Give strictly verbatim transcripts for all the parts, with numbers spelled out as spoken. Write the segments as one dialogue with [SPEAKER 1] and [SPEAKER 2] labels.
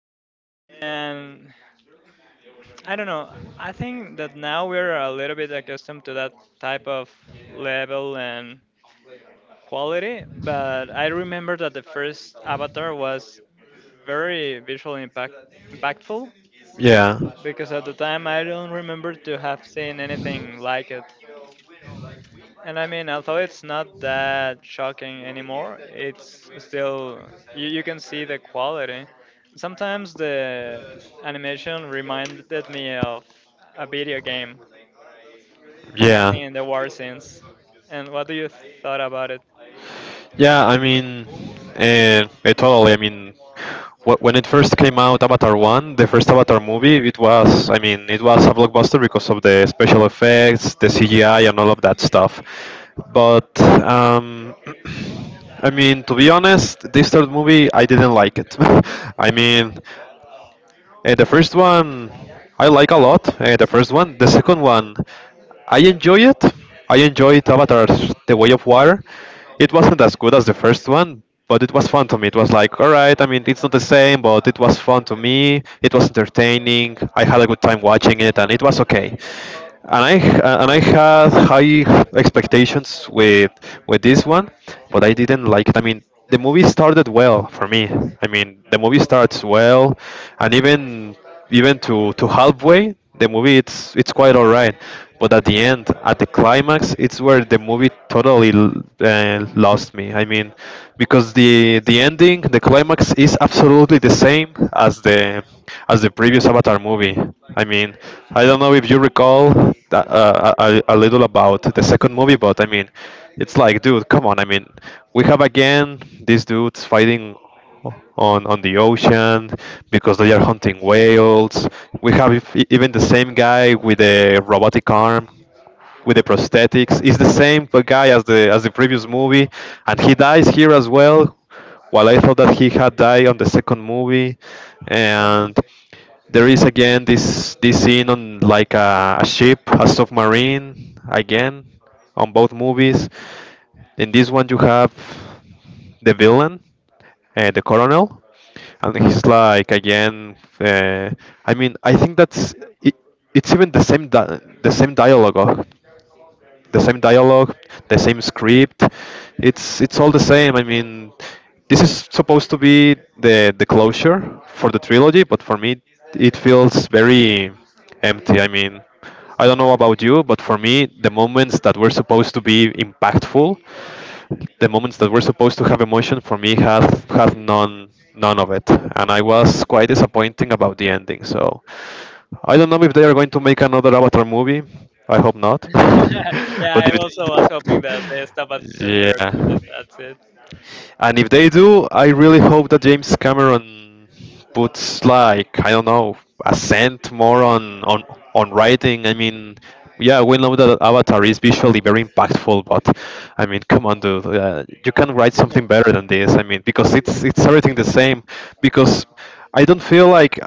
[SPEAKER 1] least. And I don't know, I think that now we're a little bit accustomed to that type of level and quality, but I remember that the first Avatar was very visually impact impactful
[SPEAKER 2] Yeah.
[SPEAKER 1] because at the time I don't remember to have seen anything like it. And I mean, although it's not that shocking anymore, it's still you, you can see the quality. Sometimes the animation reminded me of a video game. I
[SPEAKER 2] Yeah.
[SPEAKER 1] think in the war scenes. And what do you thought about it?
[SPEAKER 2] Yeah, I mean, uh, totally. I mean, wh- when it first came out, Avatar One, the first Avatar movie, it was, I mean, it was a blockbuster because of the special effects, the C G I, and all of that stuff. But um, I mean, to be honest, this third movie, I didn't like it. I mean. And the first one I like a lot. And the first one, the second one, I enjoy it. I enjoyed Avatar: The Way of Water. It wasn't as good as the first one, but it was fun to me. It was like, all right, I mean, it's not the same, but it was fun to me. It was entertaining. I had a good time watching it, and it was okay, and I uh, and I had high expectations with with this one, but I didn't like it. I mean, the movie started well for me. I mean, the movie starts well, and even even to to halfway, the movie it's it's quite alright. But at the end, at the climax, it's where the movie totally l- uh, lost me. I mean, because the the ending, the the climax is absolutely the same as the as the previous Avatar movie. I mean, I don't know if you recall that, uh, a, a a little about the second movie, but I mean, it's like, dude, come on. I mean, we have again these dudes fighting on on the ocean because they are hunting whales. We have if, even the same guy with a robotic arm with the prosthetics. It's the same guy as the as the previous movie, and he dies here as well. While I thought that he had died on the second movie, and there is again this this scene on like a, a ship, a submarine again on both movies. In this one, you have the villain, uh, the colonel, and he's like again. Uh, I mean, I think that's it, it's even the same di- the same dialogue the same dialogue, the same script. It's it's all the same. I mean, this is supposed to be the the closure for the trilogy, but for me, it feels very empty. I mean, I don't know about you, but for me, the moments that were supposed to be impactful, the moments that were supposed to have emotion, for me, had had none none of it, and I was quite disappointing about the ending. So, I don't know if they are going to make another Avatar movie. I hope not.
[SPEAKER 1] yeah,
[SPEAKER 2] but
[SPEAKER 1] I
[SPEAKER 2] if
[SPEAKER 1] also was hoping
[SPEAKER 2] they,
[SPEAKER 1] that they stop at the third
[SPEAKER 2] Yeah,
[SPEAKER 1] and this, that's it.
[SPEAKER 2] and if they do, I really hope that James Cameron puts, like, I don't know, a cent more on on on writing. I mean, yeah, we know that Avatar is visually very impactful, but I mean, come on, dude, uh, you can write something better than this. I mean, because it's it's everything the same. Because I don't feel like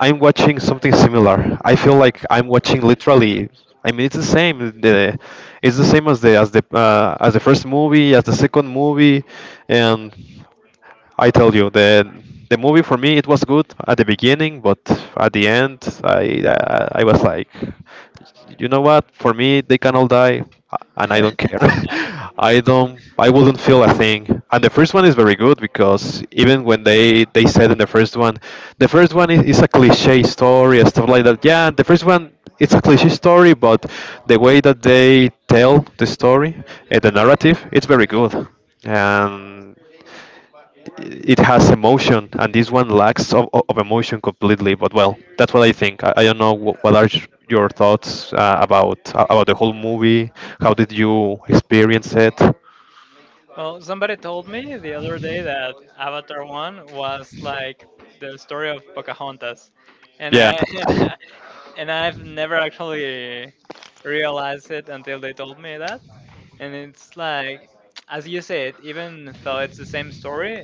[SPEAKER 2] I'm watching something similar. I feel like I'm watching literally. I mean, it's the same. The, it's the same as the as the uh, as the first movie, as the second movie, and I tell you, the the movie for me, it was good at the beginning, but at the end, I I, I was like, you know what? For me, they can all die, and I don't care. I don't. I wouldn't feel a thing. And the first one is very good because, even when they they said in the first one, the first one is, is a cliche story and stuff like that. Yeah, the first one it's a cliche story, but the way that they tell the story and the narrative, it's very good. And it has emotion, and this one lacks of, of of emotion completely. But well, that's what I think. I, I don't know wh- what are y- your thoughts uh, about uh, about the whole movie. How did you experience it?
[SPEAKER 1] Well, somebody told me the other day that Avatar one was like the story of Pocahontas. And I
[SPEAKER 2] Yeah,
[SPEAKER 1] and, I, And I've never actually realized it until they told me that. And it's like as you said, even though it's the same story,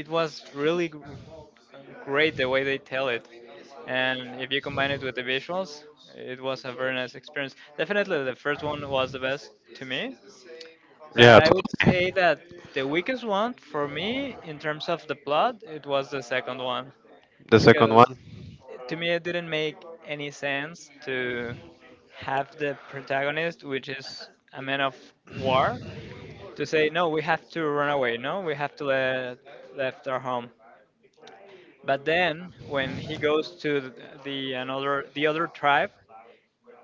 [SPEAKER 1] it was really gr- great the way they tell it. And if you combine it with the visuals, it was a very nice experience. Definitely the first one was the best to me. But
[SPEAKER 2] yeah,
[SPEAKER 1] I would say
[SPEAKER 2] totally.
[SPEAKER 1] that the weakest one for me, in terms of the plot, it was the second one.
[SPEAKER 2] The second one.
[SPEAKER 1] Because to me, it didn't make any sense to have the protagonist, which is a man of war, to say, no, we have to run away, no, we have to let, left our home. But then, when he goes to the, the another the other tribe,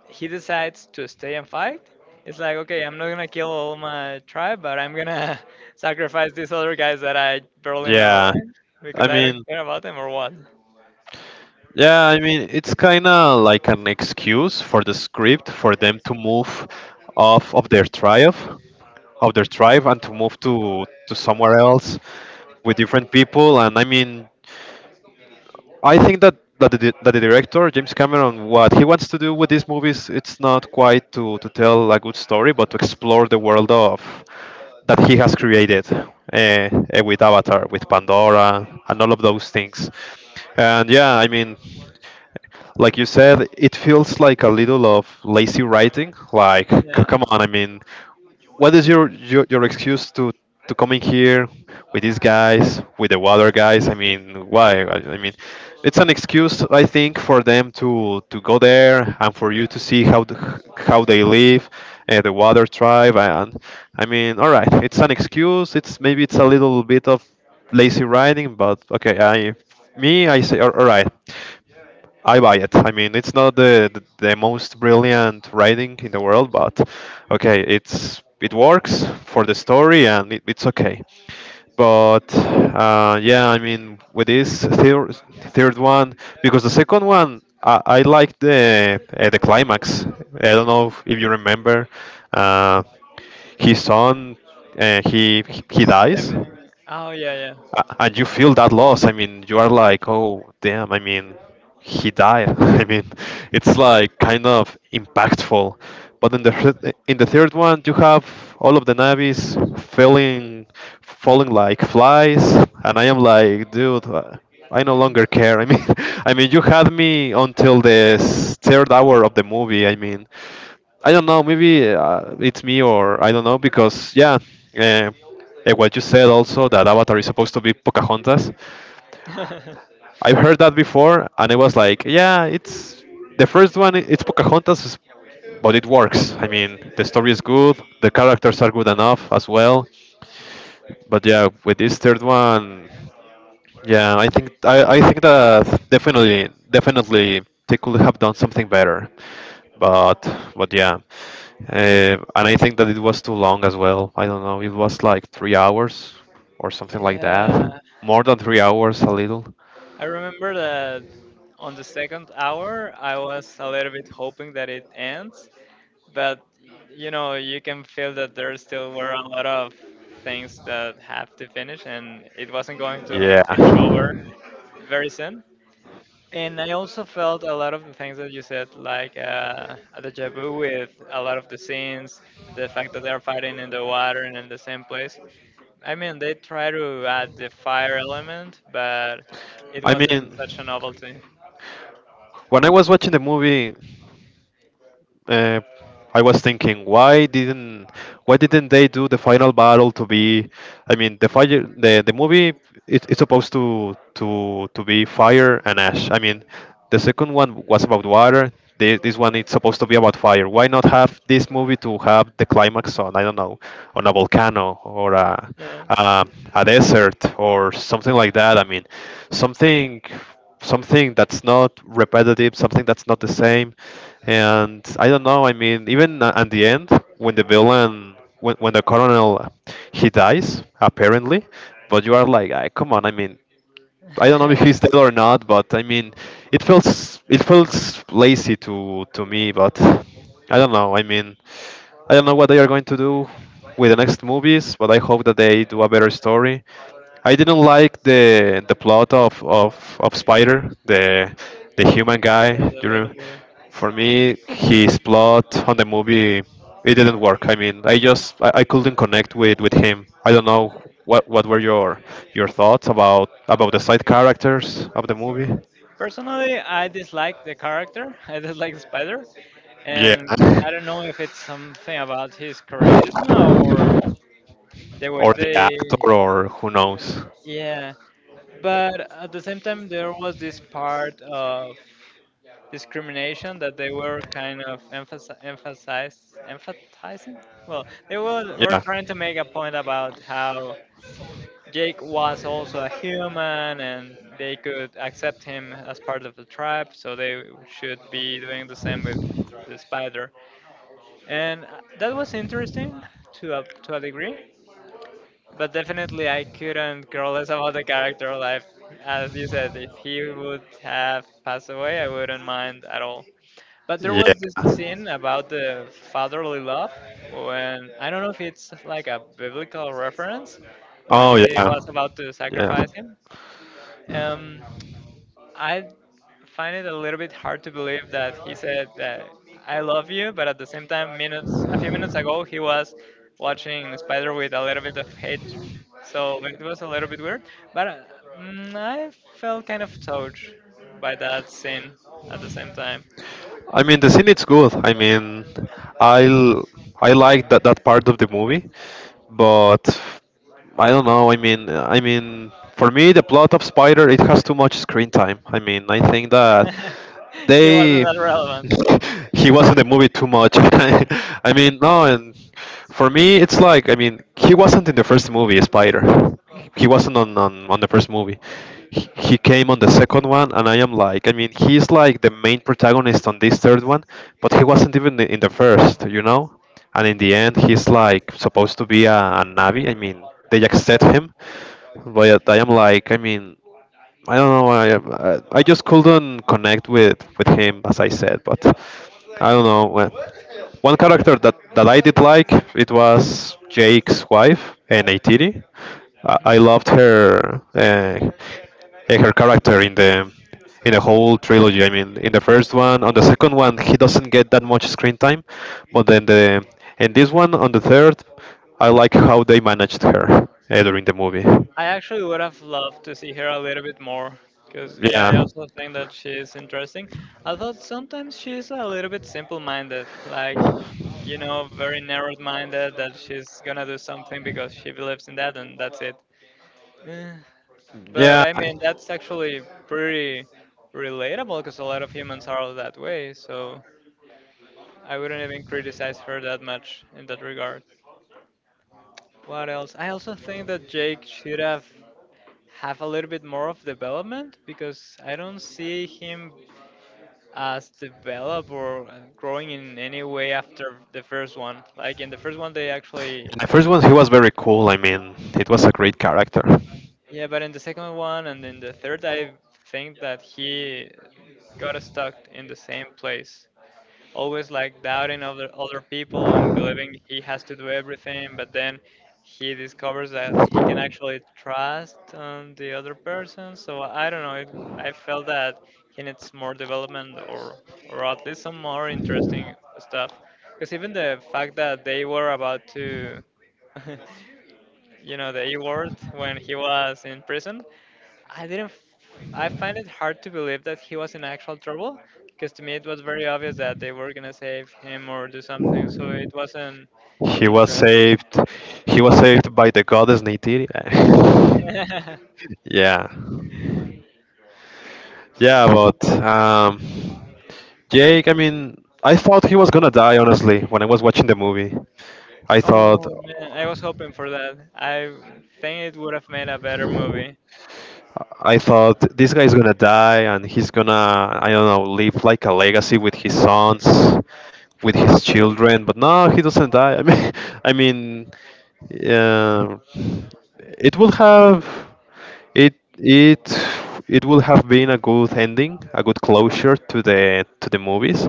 [SPEAKER 1] he decides to stay and fight, it's like, okay, I'm not gonna kill all my tribe, but I'm gonna sacrifice these other guys that I barely know,
[SPEAKER 2] Yeah,
[SPEAKER 1] right? Because
[SPEAKER 2] I
[SPEAKER 1] I don't
[SPEAKER 2] mean,
[SPEAKER 1] care about them or what.
[SPEAKER 2] Yeah, I mean, it's kind of like an excuse for the script for them to move off of their tribe, of their tribe, and to move to to somewhere else with different people. And I mean, I think that that the, that the director James Cameron, what he wants to do with these movies, it's not quite to to tell a good story, but to explore the world of that he has created eh, eh, with Avatar, with Pandora, and all of those things. And yeah, I mean, like you said, it feels like a little of lazy writing. Like, c-
[SPEAKER 1] Yeah.
[SPEAKER 2] come on, I mean, what is your, your your excuse to to coming here with these guys, with the water guys, I mean, why i, I mean, it's an excuse, I think, for them to to go there, and for you to see how the, how they live, uh, the water tribe. And I mean, all right, it's an excuse, it's maybe, it's a little bit of lazy riding, but okay. i me I say all all right. I buy it. I mean, it's not the, the the most brilliant writing in the world, but okay, it's it works for the story, and it, it's okay. But uh, yeah, I mean, with this third third one, because the second one, I, I like the uh, the climax. I don't know if you remember, uh, his son, uh, he he dies,
[SPEAKER 1] Seven. Oh yeah,
[SPEAKER 2] a- and you feel that loss. I mean, you are like, oh damn, I mean, he died. I mean, it's like kind of impactful. But in the thir- in the third one, you have all of the navies falling, falling like flies, and I am like, dude, uh, I no longer care. I mean, I mean, you had me until the s- third hour of the movie. I mean, I don't know. Maybe uh, it's me, or I don't know, because yeah, uh, eh, what you said also, that Avatar is supposed to be Pocahontas.
[SPEAKER 1] yeah.
[SPEAKER 2] I've heard that before, and I was like, yeah, it's the first one. i- It's Pocahontas, is- but it works. I mean, the story is good, the characters are good enough as well. But yeah, with this third one. Yeah, I think I, I think that definitely definitely they could have done something better, but but yeah, uh, and I think that it was too long as well. I don't know, it was like three hours or something like that,
[SPEAKER 1] Yeah,
[SPEAKER 2] more than three hours, a little.
[SPEAKER 1] I remember that on the second hour, I was a little bit hoping that it ends, but you know you can feel that there still were a lot of things that have to finish and it wasn't going to
[SPEAKER 2] Yeah,
[SPEAKER 1] finish over very soon. And I also felt a lot of the things that you said, like uh, a deja vu with a lot of the scenes, the fact that they're fighting in the water and in the same place. I mean, they try to add the fire element, but it wasn't such a novelty.
[SPEAKER 2] when I was watching the movie, uh, I was thinking, why didn't why didn't they do the final battle to be? I mean, the fire the, the movie, it, it's supposed to to to be fire and ash. I mean, the second one was about water. This, this one it's supposed to be about fire. Why not have this movie to have the climax on, I don't know, on a volcano or a
[SPEAKER 1] Yeah.
[SPEAKER 2] a, a desert or something like that? I mean, something something that's not repetitive, something that's not the same, and I don't know. I mean, even a- at the end, when the villain, when, when the colonel, he dies apparently, but you are like, ah, come on. I mean, I don't know if
[SPEAKER 1] yeah,
[SPEAKER 2] he's dead or not, but I mean, it feels it feels lazy to to me. But I don't know. I mean, I don't know what they are going to do with the next movies, but I hope that they do a better story. I didn't like the the plot of of, of Spider, the the human guy.
[SPEAKER 1] the
[SPEAKER 2] You
[SPEAKER 1] little
[SPEAKER 2] rem-
[SPEAKER 1] boy.
[SPEAKER 2] for me, his plot on the movie, it didn't work. I mean, I just I, I couldn't connect with with him. I don't know what what were your your thoughts about about the side characters of the movie.
[SPEAKER 1] Personally, I dislike the character. I dislike the spider,
[SPEAKER 2] Yeah.
[SPEAKER 1] and I don't know if it's something about his charisma or the way
[SPEAKER 2] Or the
[SPEAKER 1] they.
[SPEAKER 2] actor, or who knows.
[SPEAKER 1] Yeah, but at the same time, there was this part of discrimination that they were kind of emphasi- emphasize emphasizing. Well, they were, were
[SPEAKER 2] Yeah.
[SPEAKER 1] trying to make a point about how Jake was also a human and they could accept him as part of the tribe, so they should be doing the same with the spider. And uh, that was interesting to a, to a degree, but definitely I couldn't care less about the character life. As you said, if he would have passed away, I wouldn't mind at all. But there
[SPEAKER 2] Yeah.
[SPEAKER 1] was this scene about the fatherly love when I don't know if it's like a biblical reference when
[SPEAKER 2] Oh
[SPEAKER 1] he
[SPEAKER 2] yeah.
[SPEAKER 1] was about to
[SPEAKER 2] Yeah.
[SPEAKER 1] sacrifice him, um, I find it a little bit hard to believe that he said that I love you, but at the same time, minutes a few minutes ago, he was watching Spider with a little bit of hate, so it was a little bit weird. But uh, mm, I felt kind of touched by that scene at the same time.
[SPEAKER 2] I mean, the scene it's good. I mean, I l- I like that that part of the movie, but I don't know. I mean, I mean, for me, the plot of Spider, it has too much screen time. I mean, I think that they
[SPEAKER 1] he wasn't that relevant.
[SPEAKER 2] he was in the movie too much. I mean, no, and for me, it's like, I mean, he wasn't in the first movie, Spider. He wasn't on on, on the first movie. He, he came on the second one, and I am like, I mean, he's like the main protagonist on this third one, but he wasn't even in the first, you know. And in the end, he's like supposed to be a, a Navi. I mean, they accept him, but I am like, I mean, I don't know. I I I just couldn't connect with with him, as I said. But I don't know. Well, one character that, that I did like it was Jake's wife, Neytiri. I, I
[SPEAKER 1] Mhm.
[SPEAKER 2] loved her uh, her character in the in the whole trilogy. I mean, in the first one, on the second one, he doesn't get that much screen time, but then the in this one, on the third, I like how they managed her uh, during the movie.
[SPEAKER 1] I actually would have loved to see her a little bit more because yeah,
[SPEAKER 2] Yeah,
[SPEAKER 1] I also think that she's interesting. Although sometimes she's a little bit simple-minded, like you know, very narrow-minded that she's gonna do something because she believes in that and that's it. Eh, But
[SPEAKER 2] yeah.
[SPEAKER 1] I mean, that's actually pretty relatable because a lot of humans are all that way, so I wouldn't even criticize her that much in that regard. What else? I also think that Jake should have. Have a little bit more of development because I don't see him as develop or uh, growing in any way after the first one. Like in the first one, they actually
[SPEAKER 2] In the first one, he was very cool. I mean, it was a great character.
[SPEAKER 1] yeah, but in the second one and in the third, I think that he got stuck in the same place. Always like doubting other other people and believing he has to do everything, but then he discovers that he can actually trust on the other person. So I don't know. It, I felt that he needs more development or or at least some more interesting stuff. Because even the fact that they were about to, you know, the E word when he was in prison, I didn't. F- I find it hard to believe that he was in actual trouble because to me it was very obvious that they were gonna save him or do something. So it wasn't
[SPEAKER 2] He was
[SPEAKER 1] interesting.
[SPEAKER 2] saved. He was saved by the goddess Neytiri. yeah. Yeah, but um, Jake, I mean, I thought he was gonna die, honestly, when I was watching the movie. I thought,
[SPEAKER 1] oh man, I was hoping for that. I think it would have made a better movie.
[SPEAKER 2] I thought this guy's gonna die and he's gonna I don't know leave like a legacy with his sons, with his children. But no, he doesn't die. I mean, I mean, yeah, it will have it it it will have been a good ending, a good closure to the to the movies.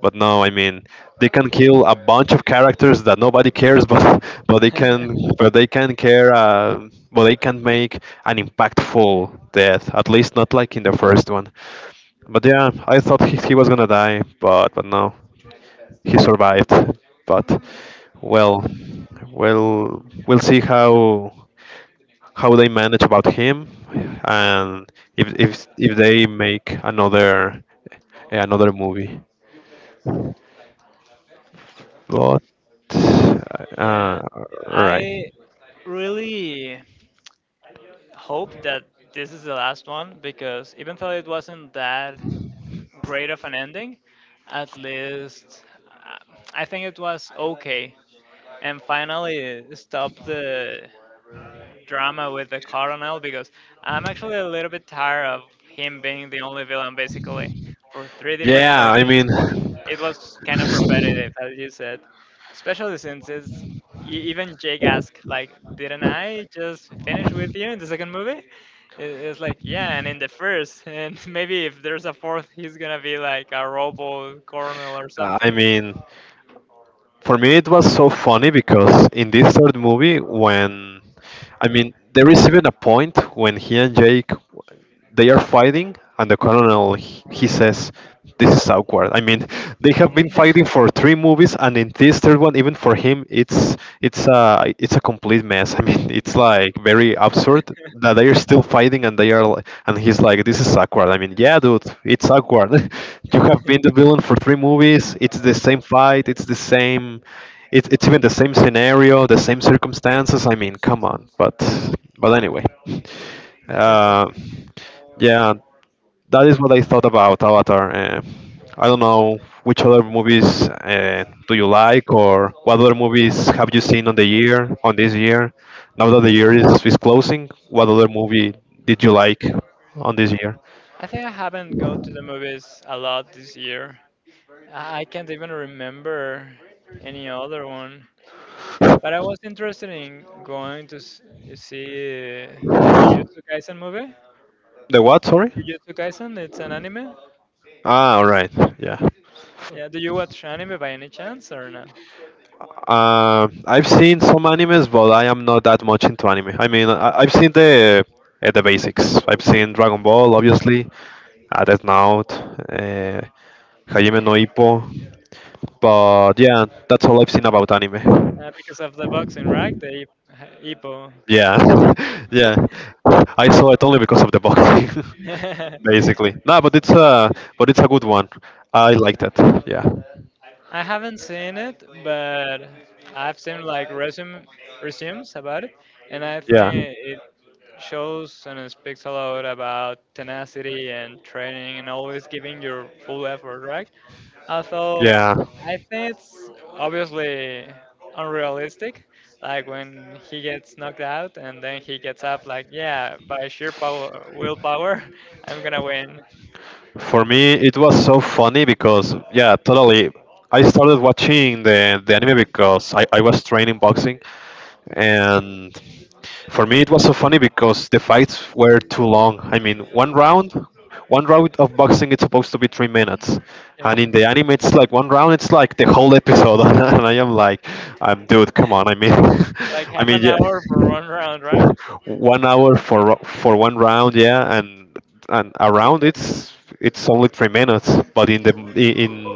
[SPEAKER 2] But no, I mean they can kill a bunch of characters that nobody cares, but but they can but they can care, uh, but they can make an impactful death. At least not like in the first one. But yeah, I thought he, he was gonna die, but but no, he survived. But well, well, we'll see how how they manage about him, and if if if they make another another movie. But uh,
[SPEAKER 1] yeah,
[SPEAKER 2] right.
[SPEAKER 1] I really hope that this is the last one because even though it wasn't that great of an ending. At least uh, I think it was okay. And finally stop the drama with the colonel because I'm actually a little bit tired of him being the only villain basically for three different
[SPEAKER 2] Yeah, I
[SPEAKER 1] movies.
[SPEAKER 2] mean, uh,
[SPEAKER 1] It was kind of repetitive, as you said, especially since it's, e- even Jake asked, like, didn't I just finish with you in the second movie? It- It's like, yeah, and in the first, and maybe if there's a fourth, he's gonna be like a robo colonel or
[SPEAKER 2] I
[SPEAKER 1] something.
[SPEAKER 2] mean, for me it was so funny because in this third movie, when I mean, there is even a point when he and Jake they are fighting and the colonel he he says this is awkward. I mean, they have been
[SPEAKER 1] Yeah.
[SPEAKER 2] fighting for three movies and in this third one even for him it's it's a it's a complete mess. I mean, it's like very absurd that they are still fighting and they are li- and he's like this is awkward. I mean, yeah dude, it's awkward. You have been the villain for three movies. It's the same fight, it's the same it's, it's even the same scenario, the same circumstances. I mean, come on. but but anyway, uh, yeah, that is what I thought about Avatar. Uh, I don't know which other movies uh, do you like, or what other movies have you seen on the year, on this year? Now that the year is, is closing, what other movie did you like on this year?
[SPEAKER 1] I think I haven't go to the movies a lot this year. I I can't even remember any other one. But I was interested in going to s- you see uh, the
[SPEAKER 2] The
[SPEAKER 1] Jujutsu Kaisen movie.
[SPEAKER 2] what? Sorry.
[SPEAKER 1] Jujutsu Kaisen, it's an anime.
[SPEAKER 2] Ah, all right. Yeah.
[SPEAKER 1] Yeah, do you watch anime by any chance or not?
[SPEAKER 2] Uh, I've seen some animes, but I am not that much into anime. I mean, I, I've seen the uh, the basics. I've seen Dragon Ball, obviously, uh, Death Note. Uh, Hajime no Ippo. But yeah, that's all I've seen about anime.
[SPEAKER 1] Uh, because of the boxing, right? The Ip- Ippo.
[SPEAKER 2] Yeah,
[SPEAKER 1] Ippo.
[SPEAKER 2] yeah. I saw it only because of the boxing, basically. No, but it's a But it's a good one. I liked it. Yeah.
[SPEAKER 1] I haven't seen it, but I've seen like resume resumes about it, and I think it shows and it speaks a lot about
[SPEAKER 2] Yeah.
[SPEAKER 1] tenacity and training and always giving your full effort, right? Although
[SPEAKER 2] Yeah.
[SPEAKER 1] I think it's obviously unrealistic, like when he gets knocked out and then he gets up, like yeah, by sheer power willpower, I'm gonna win.
[SPEAKER 2] For me, it was so funny because, yeah, totally. I started watching the, the anime because I, I was training boxing. And for me, it was so funny because the fights were too long. I mean, one round, one round of boxing it's supposed to be three minutes,
[SPEAKER 1] Yeah.
[SPEAKER 2] and in the anime it's like one round, it's like the whole episode. And I am like, I'm dude, come on. I mean,
[SPEAKER 1] Like
[SPEAKER 2] I
[SPEAKER 1] half
[SPEAKER 2] mean,
[SPEAKER 1] an
[SPEAKER 2] yeah,
[SPEAKER 1] hour for one round, right?
[SPEAKER 2] one hour for ro- for one round, yeah, and and around it's it's only three minutes, but in the in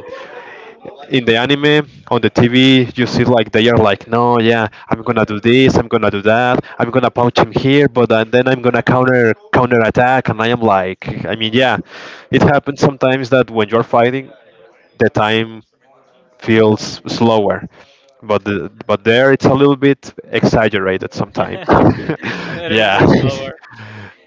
[SPEAKER 2] in the anime on the T V you see like they are like no yeah I'm gonna do this, I'm gonna do that, I'm gonna punch him here, but uh, then I'm gonna counter counter attack, and I am like I mean yeah, it happens sometimes that when you're fighting the time feels slower, but the, but there it's a little bit exaggerated sometimes.
[SPEAKER 1] A little bit
[SPEAKER 2] Yeah.
[SPEAKER 1] too slower.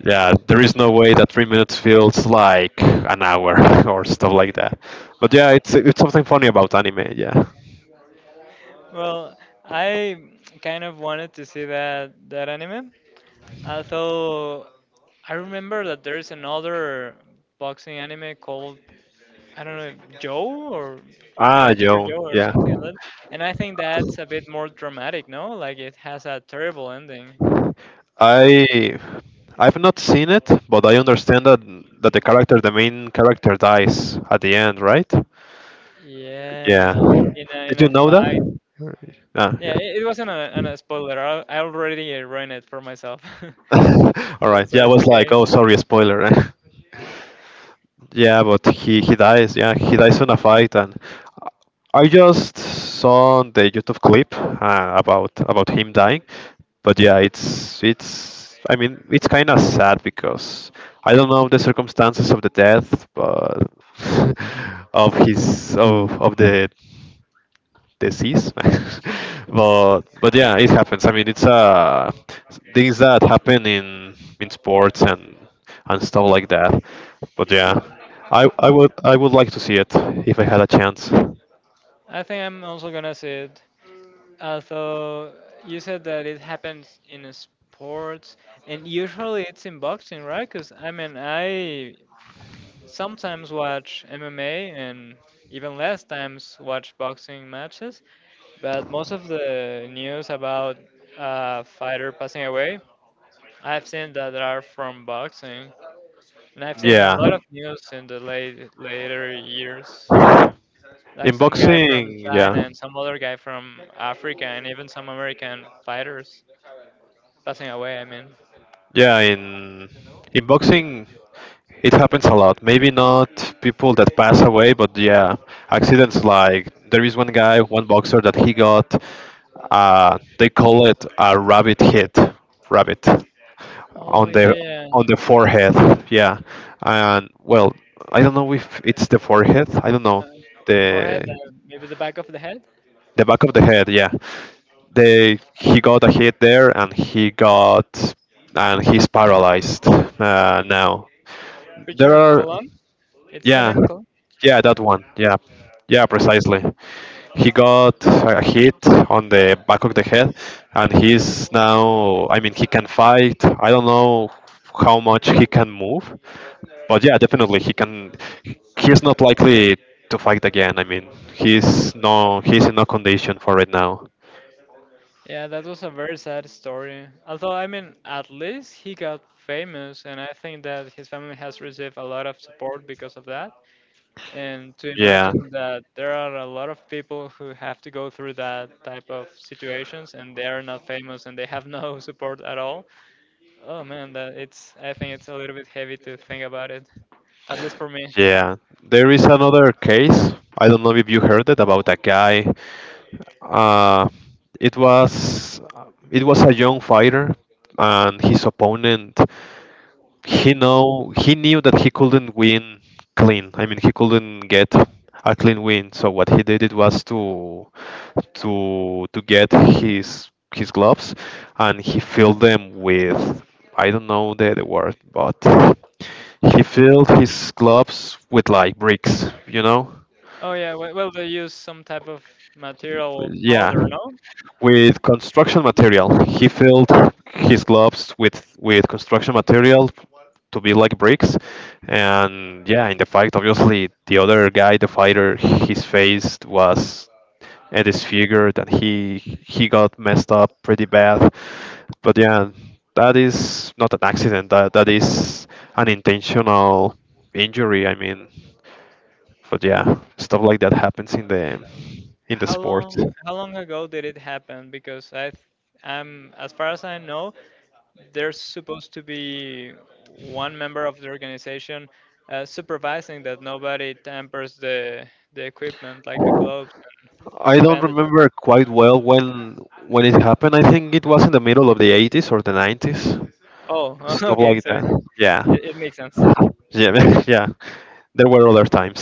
[SPEAKER 2] Yeah, there is no way that three minutes feels like an hour, or stuff like that. But yeah, it's it's something funny about anime, yeah.
[SPEAKER 1] Well, I kind of wanted to see that that anime. Although I remember that there's another boxing anime called I don't know Joe or
[SPEAKER 2] Ah,
[SPEAKER 1] Boxer
[SPEAKER 2] Joe.
[SPEAKER 1] Joe or
[SPEAKER 2] Yeah,
[SPEAKER 1] something like. And I think that's a bit more dramatic, no? Like it has a terrible ending.
[SPEAKER 2] I I've not seen it, but I understand that that the character, the main character, dies at the end, right? Yeah.
[SPEAKER 1] Yeah, in a, in
[SPEAKER 2] Did you
[SPEAKER 1] a
[SPEAKER 2] know that?
[SPEAKER 1] fight.
[SPEAKER 2] Ah, yeah.
[SPEAKER 1] Yeah, it, it wasn't a, an a spoiler. I, I already uh, ruined it for myself. so,
[SPEAKER 2] All right.
[SPEAKER 1] so
[SPEAKER 2] Yeah, I
[SPEAKER 1] it's
[SPEAKER 2] was like,
[SPEAKER 1] okay.
[SPEAKER 2] oh, sorry, spoiler. Yeah, but he he dies. Yeah, he dies in a fight, and I just saw the YouTube clip uh, about about him dying. But yeah, it's it's. I mean, it's kind of sad because I don't know the circumstances of the death, but of his of of the disease. but but yeah, it happens. I mean, it's uh things that happen in in sports and and stuff like that, but yeah, i i would I would like to see it if I had a chance.
[SPEAKER 1] I think I'm also gonna see it. Although you said that it happens in a sports, and usually it's in boxing, right? Because I mean, I sometimes watch M M A and even less times watch boxing matches. But most of the news about a fighter passing away, I've seen that are from boxing, and I've seen a
[SPEAKER 2] Yeah,
[SPEAKER 1] lot of news in the late later years, like
[SPEAKER 2] in
[SPEAKER 1] some guy from
[SPEAKER 2] boxing, yeah.
[SPEAKER 1] China and some other guy from Africa, and even some American fighters passing away. I mean,
[SPEAKER 2] Yeah, in In boxing, it happens a lot. Maybe not people that pass away, but yeah, accidents. Like there is one guy, one boxer that he got. Uh, they call it a rabbit hit, rabbit on
[SPEAKER 1] oh
[SPEAKER 2] the
[SPEAKER 1] yeah, yeah,
[SPEAKER 2] on the forehead. Yeah, and well, I don't know if it's the forehead. I don't know
[SPEAKER 1] uh, forehead,
[SPEAKER 2] the
[SPEAKER 1] uh, maybe the back of the head.
[SPEAKER 2] the back of the head. Yeah, they he got a hit there, and he got and he's paralyzed uh, now. There
[SPEAKER 1] Richard
[SPEAKER 2] are
[SPEAKER 1] Colon, it's the
[SPEAKER 2] Yeah,
[SPEAKER 1] name Colon.
[SPEAKER 2] yeah, that one. Yeah, yeah, precisely. He got a hit on the back of the head, and he's now. I mean, he can fight. I don't know how much he can move, but yeah, definitely he can. He's not likely to fight again. I mean, he's no, he's in no condition for it now.
[SPEAKER 1] Yeah, that was a very sad story. Although, I mean, at least he got famous, and I think that his family has received a lot of support because of that. And to
[SPEAKER 2] Yeah,
[SPEAKER 1] imagine that there are a lot of people who have to go through that type of situations and they are not famous and they have no support at all. Oh man, that it's I think it's a little bit heavy to think about it, at least for me.
[SPEAKER 2] yeah. There is another case. I don't know if you heard it about a guy. Uh, it was it was a young fighter, and his opponent he know he knew that he couldn't win clean. I mean, he couldn't get a clean win. So what he did it was to to to get his his gloves, and he filled them with I don't know the, the word, but he filled his gloves with like bricks, you know.
[SPEAKER 1] Oh yeah, we- well they use some type of material
[SPEAKER 2] Yeah,
[SPEAKER 1] powder, no?
[SPEAKER 2] with construction material. He filled his gloves with with construction material to be like bricks, and yeah, in the fight, obviously, the other guy, the fighter, his face was uh, disfigured, and he he got messed up pretty bad. But yeah, that is not an accident. That that is an intentional injury. I mean, but yeah, stuff like that happens in the in the
[SPEAKER 1] How
[SPEAKER 2] sport.
[SPEAKER 1] long how long ago did it happen? Because I th- I'm as far as I know, there's supposed to be one member of the organization uh, supervising that nobody tampers the the equipment like the gloves
[SPEAKER 2] I
[SPEAKER 1] and
[SPEAKER 2] don't
[SPEAKER 1] bandages.
[SPEAKER 2] remember quite well when when it happened. I think it was in the middle of the eighties or the nineties,
[SPEAKER 1] Oh,
[SPEAKER 2] stuff
[SPEAKER 1] okay,
[SPEAKER 2] like
[SPEAKER 1] so
[SPEAKER 2] that.
[SPEAKER 1] it,
[SPEAKER 2] Yeah,
[SPEAKER 1] it makes sense.
[SPEAKER 2] yeah, yeah. There were other times,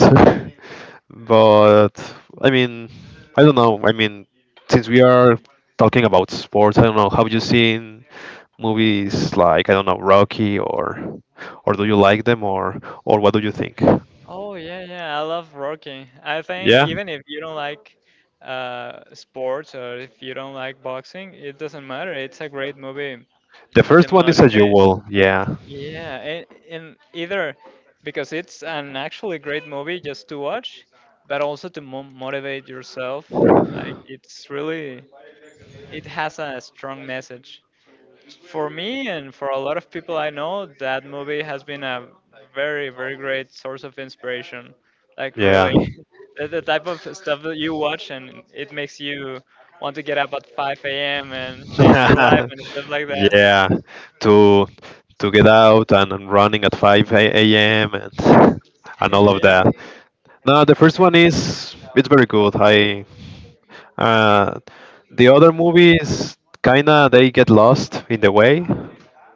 [SPEAKER 2] but I mean, I don't know. I mean, since we are talking about sports, I don't know. Have you seen movies like I don't know Rocky, or or do you like them, or or what do you think?
[SPEAKER 1] Oh yeah, yeah, I love Rocky. I think
[SPEAKER 2] Yeah,
[SPEAKER 1] even if you don't like uh, sports or if you don't like boxing, it doesn't matter. It's a great movie
[SPEAKER 2] the
[SPEAKER 1] to
[SPEAKER 2] first one is a
[SPEAKER 1] motivate.
[SPEAKER 2] jewel. Yeah,
[SPEAKER 1] Yeah, and, and either because it's an actually great movie just to watch, but also to mo- motivate yourself. Like it's really, it has a strong message. For me and for a lot of people I know, that movie has been a very, very great source of inspiration. Like
[SPEAKER 2] yeah.
[SPEAKER 1] really, the, the type of stuff that you watch and it makes you want to get up at five a m and change your life and stuff like that.
[SPEAKER 2] Yeah, to to get out and, and running at five a m and and all of
[SPEAKER 1] yeah.
[SPEAKER 2] that. Now the first one is it's very good. I uh, the other movies kinda they get lost in the way.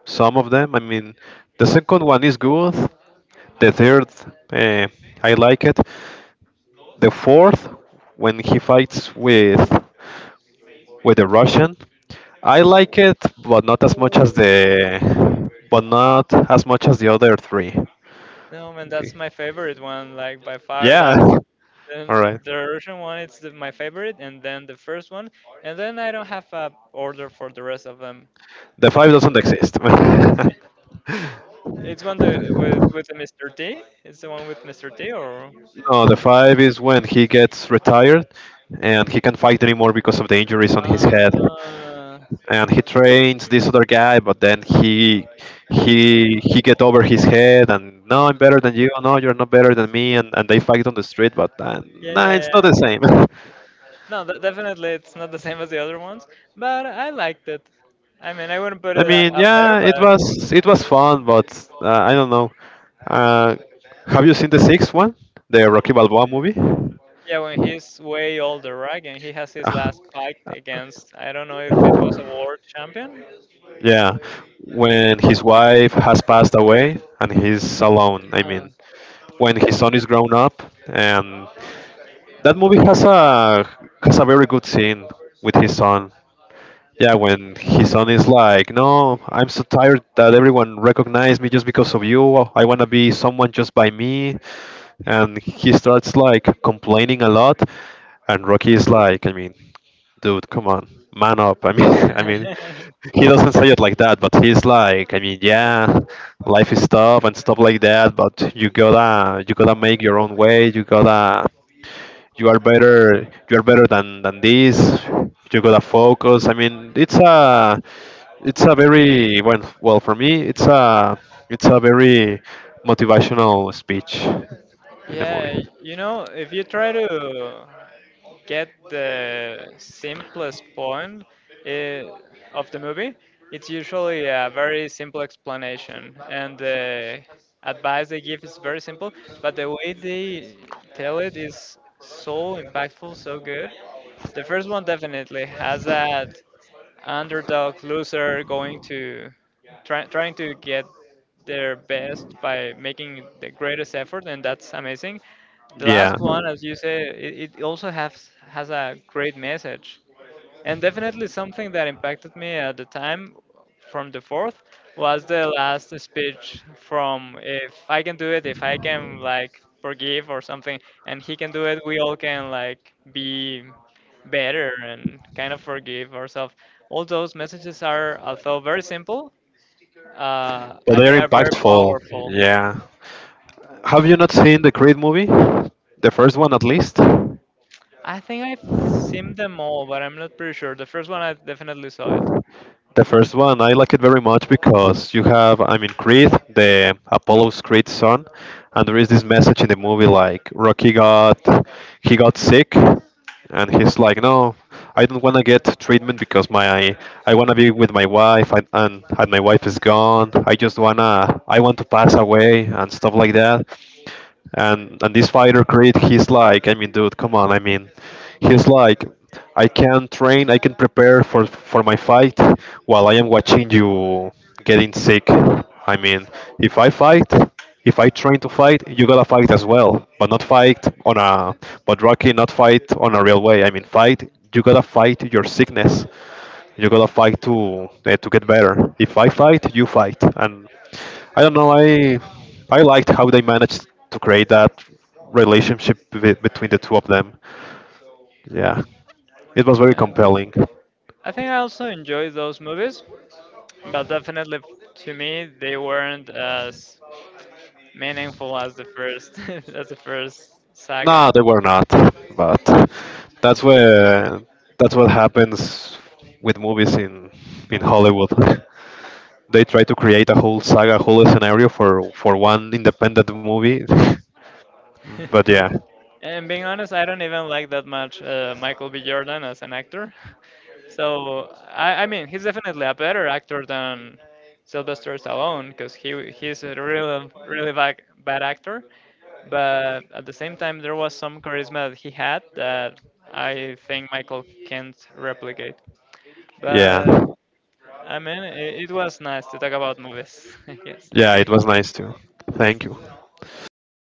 [SPEAKER 2] Some of them. I mean, the second one is good. The third uh, I like it. The fourth, when he fights with with the Russian, I like it, but not as much as the, but not as much as the other three.
[SPEAKER 1] No, man, that's my
[SPEAKER 2] Be-
[SPEAKER 1] favorite one. Like by far,
[SPEAKER 2] Yeah.
[SPEAKER 1] that's
[SPEAKER 2] All
[SPEAKER 1] then
[SPEAKER 2] right.
[SPEAKER 1] the Russian one. It's the, my favorite, and then the first one, and then I don't have a order for the rest of them.
[SPEAKER 2] The five doesn't exist.
[SPEAKER 1] It's one the with with the Mister T. It's the one with Mister T, or
[SPEAKER 2] No, the five is when he gets retired and he can't fight anymore because of the injuries on his head.
[SPEAKER 1] ah,
[SPEAKER 2] And he trains this other guy, but then he he he get over his head and no I'm better than you, no you're not better than me, and, and they fight on the street, but uh,
[SPEAKER 1] yeah,
[SPEAKER 2] nah, it's
[SPEAKER 1] yeah,
[SPEAKER 2] not
[SPEAKER 1] yeah.
[SPEAKER 2] the same.
[SPEAKER 1] No, de- definitely, it's not the same as the other ones, but I liked it. I mean, I wouldn't put
[SPEAKER 2] I
[SPEAKER 1] it a-
[SPEAKER 2] mean,
[SPEAKER 1] up there,
[SPEAKER 2] yeah, it
[SPEAKER 1] but
[SPEAKER 2] was it was
[SPEAKER 1] uh,
[SPEAKER 2] fun, but uh, I don't know, uh, have you seen the sixth one, the Rocky Balboa movie?
[SPEAKER 1] yeah, when he's way older, right? And he has his
[SPEAKER 2] Ah,
[SPEAKER 1] last fight against, I don't know if it was a world champion.
[SPEAKER 2] yeah, when his wife has passed away and he's alone. I
[SPEAKER 1] Uh.
[SPEAKER 2] mean, when his son is grown up, and that movie has a has a very good scene with his son. Yeah, when his son is like, "No, I'm so tired that everyone recognized me just because of you. I wanna be someone just by me," and he starts like complaining a lot, and Rocky is like, "I mean, dude, come on, man up." I mean, I mean, he doesn't say it like that, but he's like, I mean, yeah, life is tough and stuff like that, but you gotta you gotta make your own way. You gotta you are better you are better than than this. You gotta focus. I mean, it's a it's a very well well for me. It's a it's a very motivational speech in the movie.
[SPEAKER 1] Yeah, you know, if you try to get the simplest point eh, of the movie, it's usually a very simple explanation, and the advice they give is very simple, but the way they tell it is so impactful, so good. The first one definitely has that underdog loser going to try, trying to get their best by making the greatest effort, and that's amazing. The last
[SPEAKER 2] Yeah.
[SPEAKER 1] one, as you say, it, it also has has a great message. And definitely something that impacted me at the time from the fourth was the last speech from if I can do it, if I can like forgive or something, and he can do it, we all can like be better and kind of forgive ourselves. All those messages are, although very simple, uh,
[SPEAKER 2] But
[SPEAKER 1] I think
[SPEAKER 2] they're
[SPEAKER 1] are very
[SPEAKER 2] impactful.
[SPEAKER 1] powerful.
[SPEAKER 2] Yeah. Have you not seen the Creed movie? The first one, at least. The
[SPEAKER 1] I think I've seen them all, but I'm not pretty sure. The first one I definitely saw it.
[SPEAKER 2] first one, I like it very much because you have, I mean, Creed, the Apollo's Creed son, and there is this message in the movie like Rocky got, he got sick, and he's like, no, I don't want to get treatment because my, I want to be with my wife, and, and and my wife is gone. I just wanna, I want to pass away and stuff like that. and and this fighter Creed, he's like, I mean, dude, come on. I mean, he's like, I can train, I can prepare for for my fight while I am watching you getting sick. I mean, if I fight, if I train to fight, you gotta fight as well, but not fight on a but Rocky not fight on a real way. I mean, fight, you gotta fight your sickness, you gotta fight to eh, to get better. If I fight, you fight, and I don't know. I I liked how they managed to create that relationship be- between the two of them. Yeah, it was very
[SPEAKER 1] Yeah.
[SPEAKER 2] compelling.
[SPEAKER 1] I think I also enjoyed those movies, but definitely f- to me they weren't as meaningful as the first as the first
[SPEAKER 2] No,
[SPEAKER 1] saga.
[SPEAKER 2] they were not, but that's where that's what happens with movies in in Hollywood. They try to create a whole saga, whole scenario for for one independent movie. But yeah,
[SPEAKER 1] And being honest, I don't even like that much uh, Michael B. Jordan as an actor. So I, I mean, he's definitely a better actor than Sylvester Stallone because he he's a really really bad, bad actor. But at the same time, there was some charisma that he had that I think Michael can't replicate.
[SPEAKER 2] yeah,
[SPEAKER 1] But I mean, it, it was nice to talk about movies. I guess
[SPEAKER 2] yeah, it was nice too.
[SPEAKER 1] that's
[SPEAKER 2] Thank you.
[SPEAKER 1] it.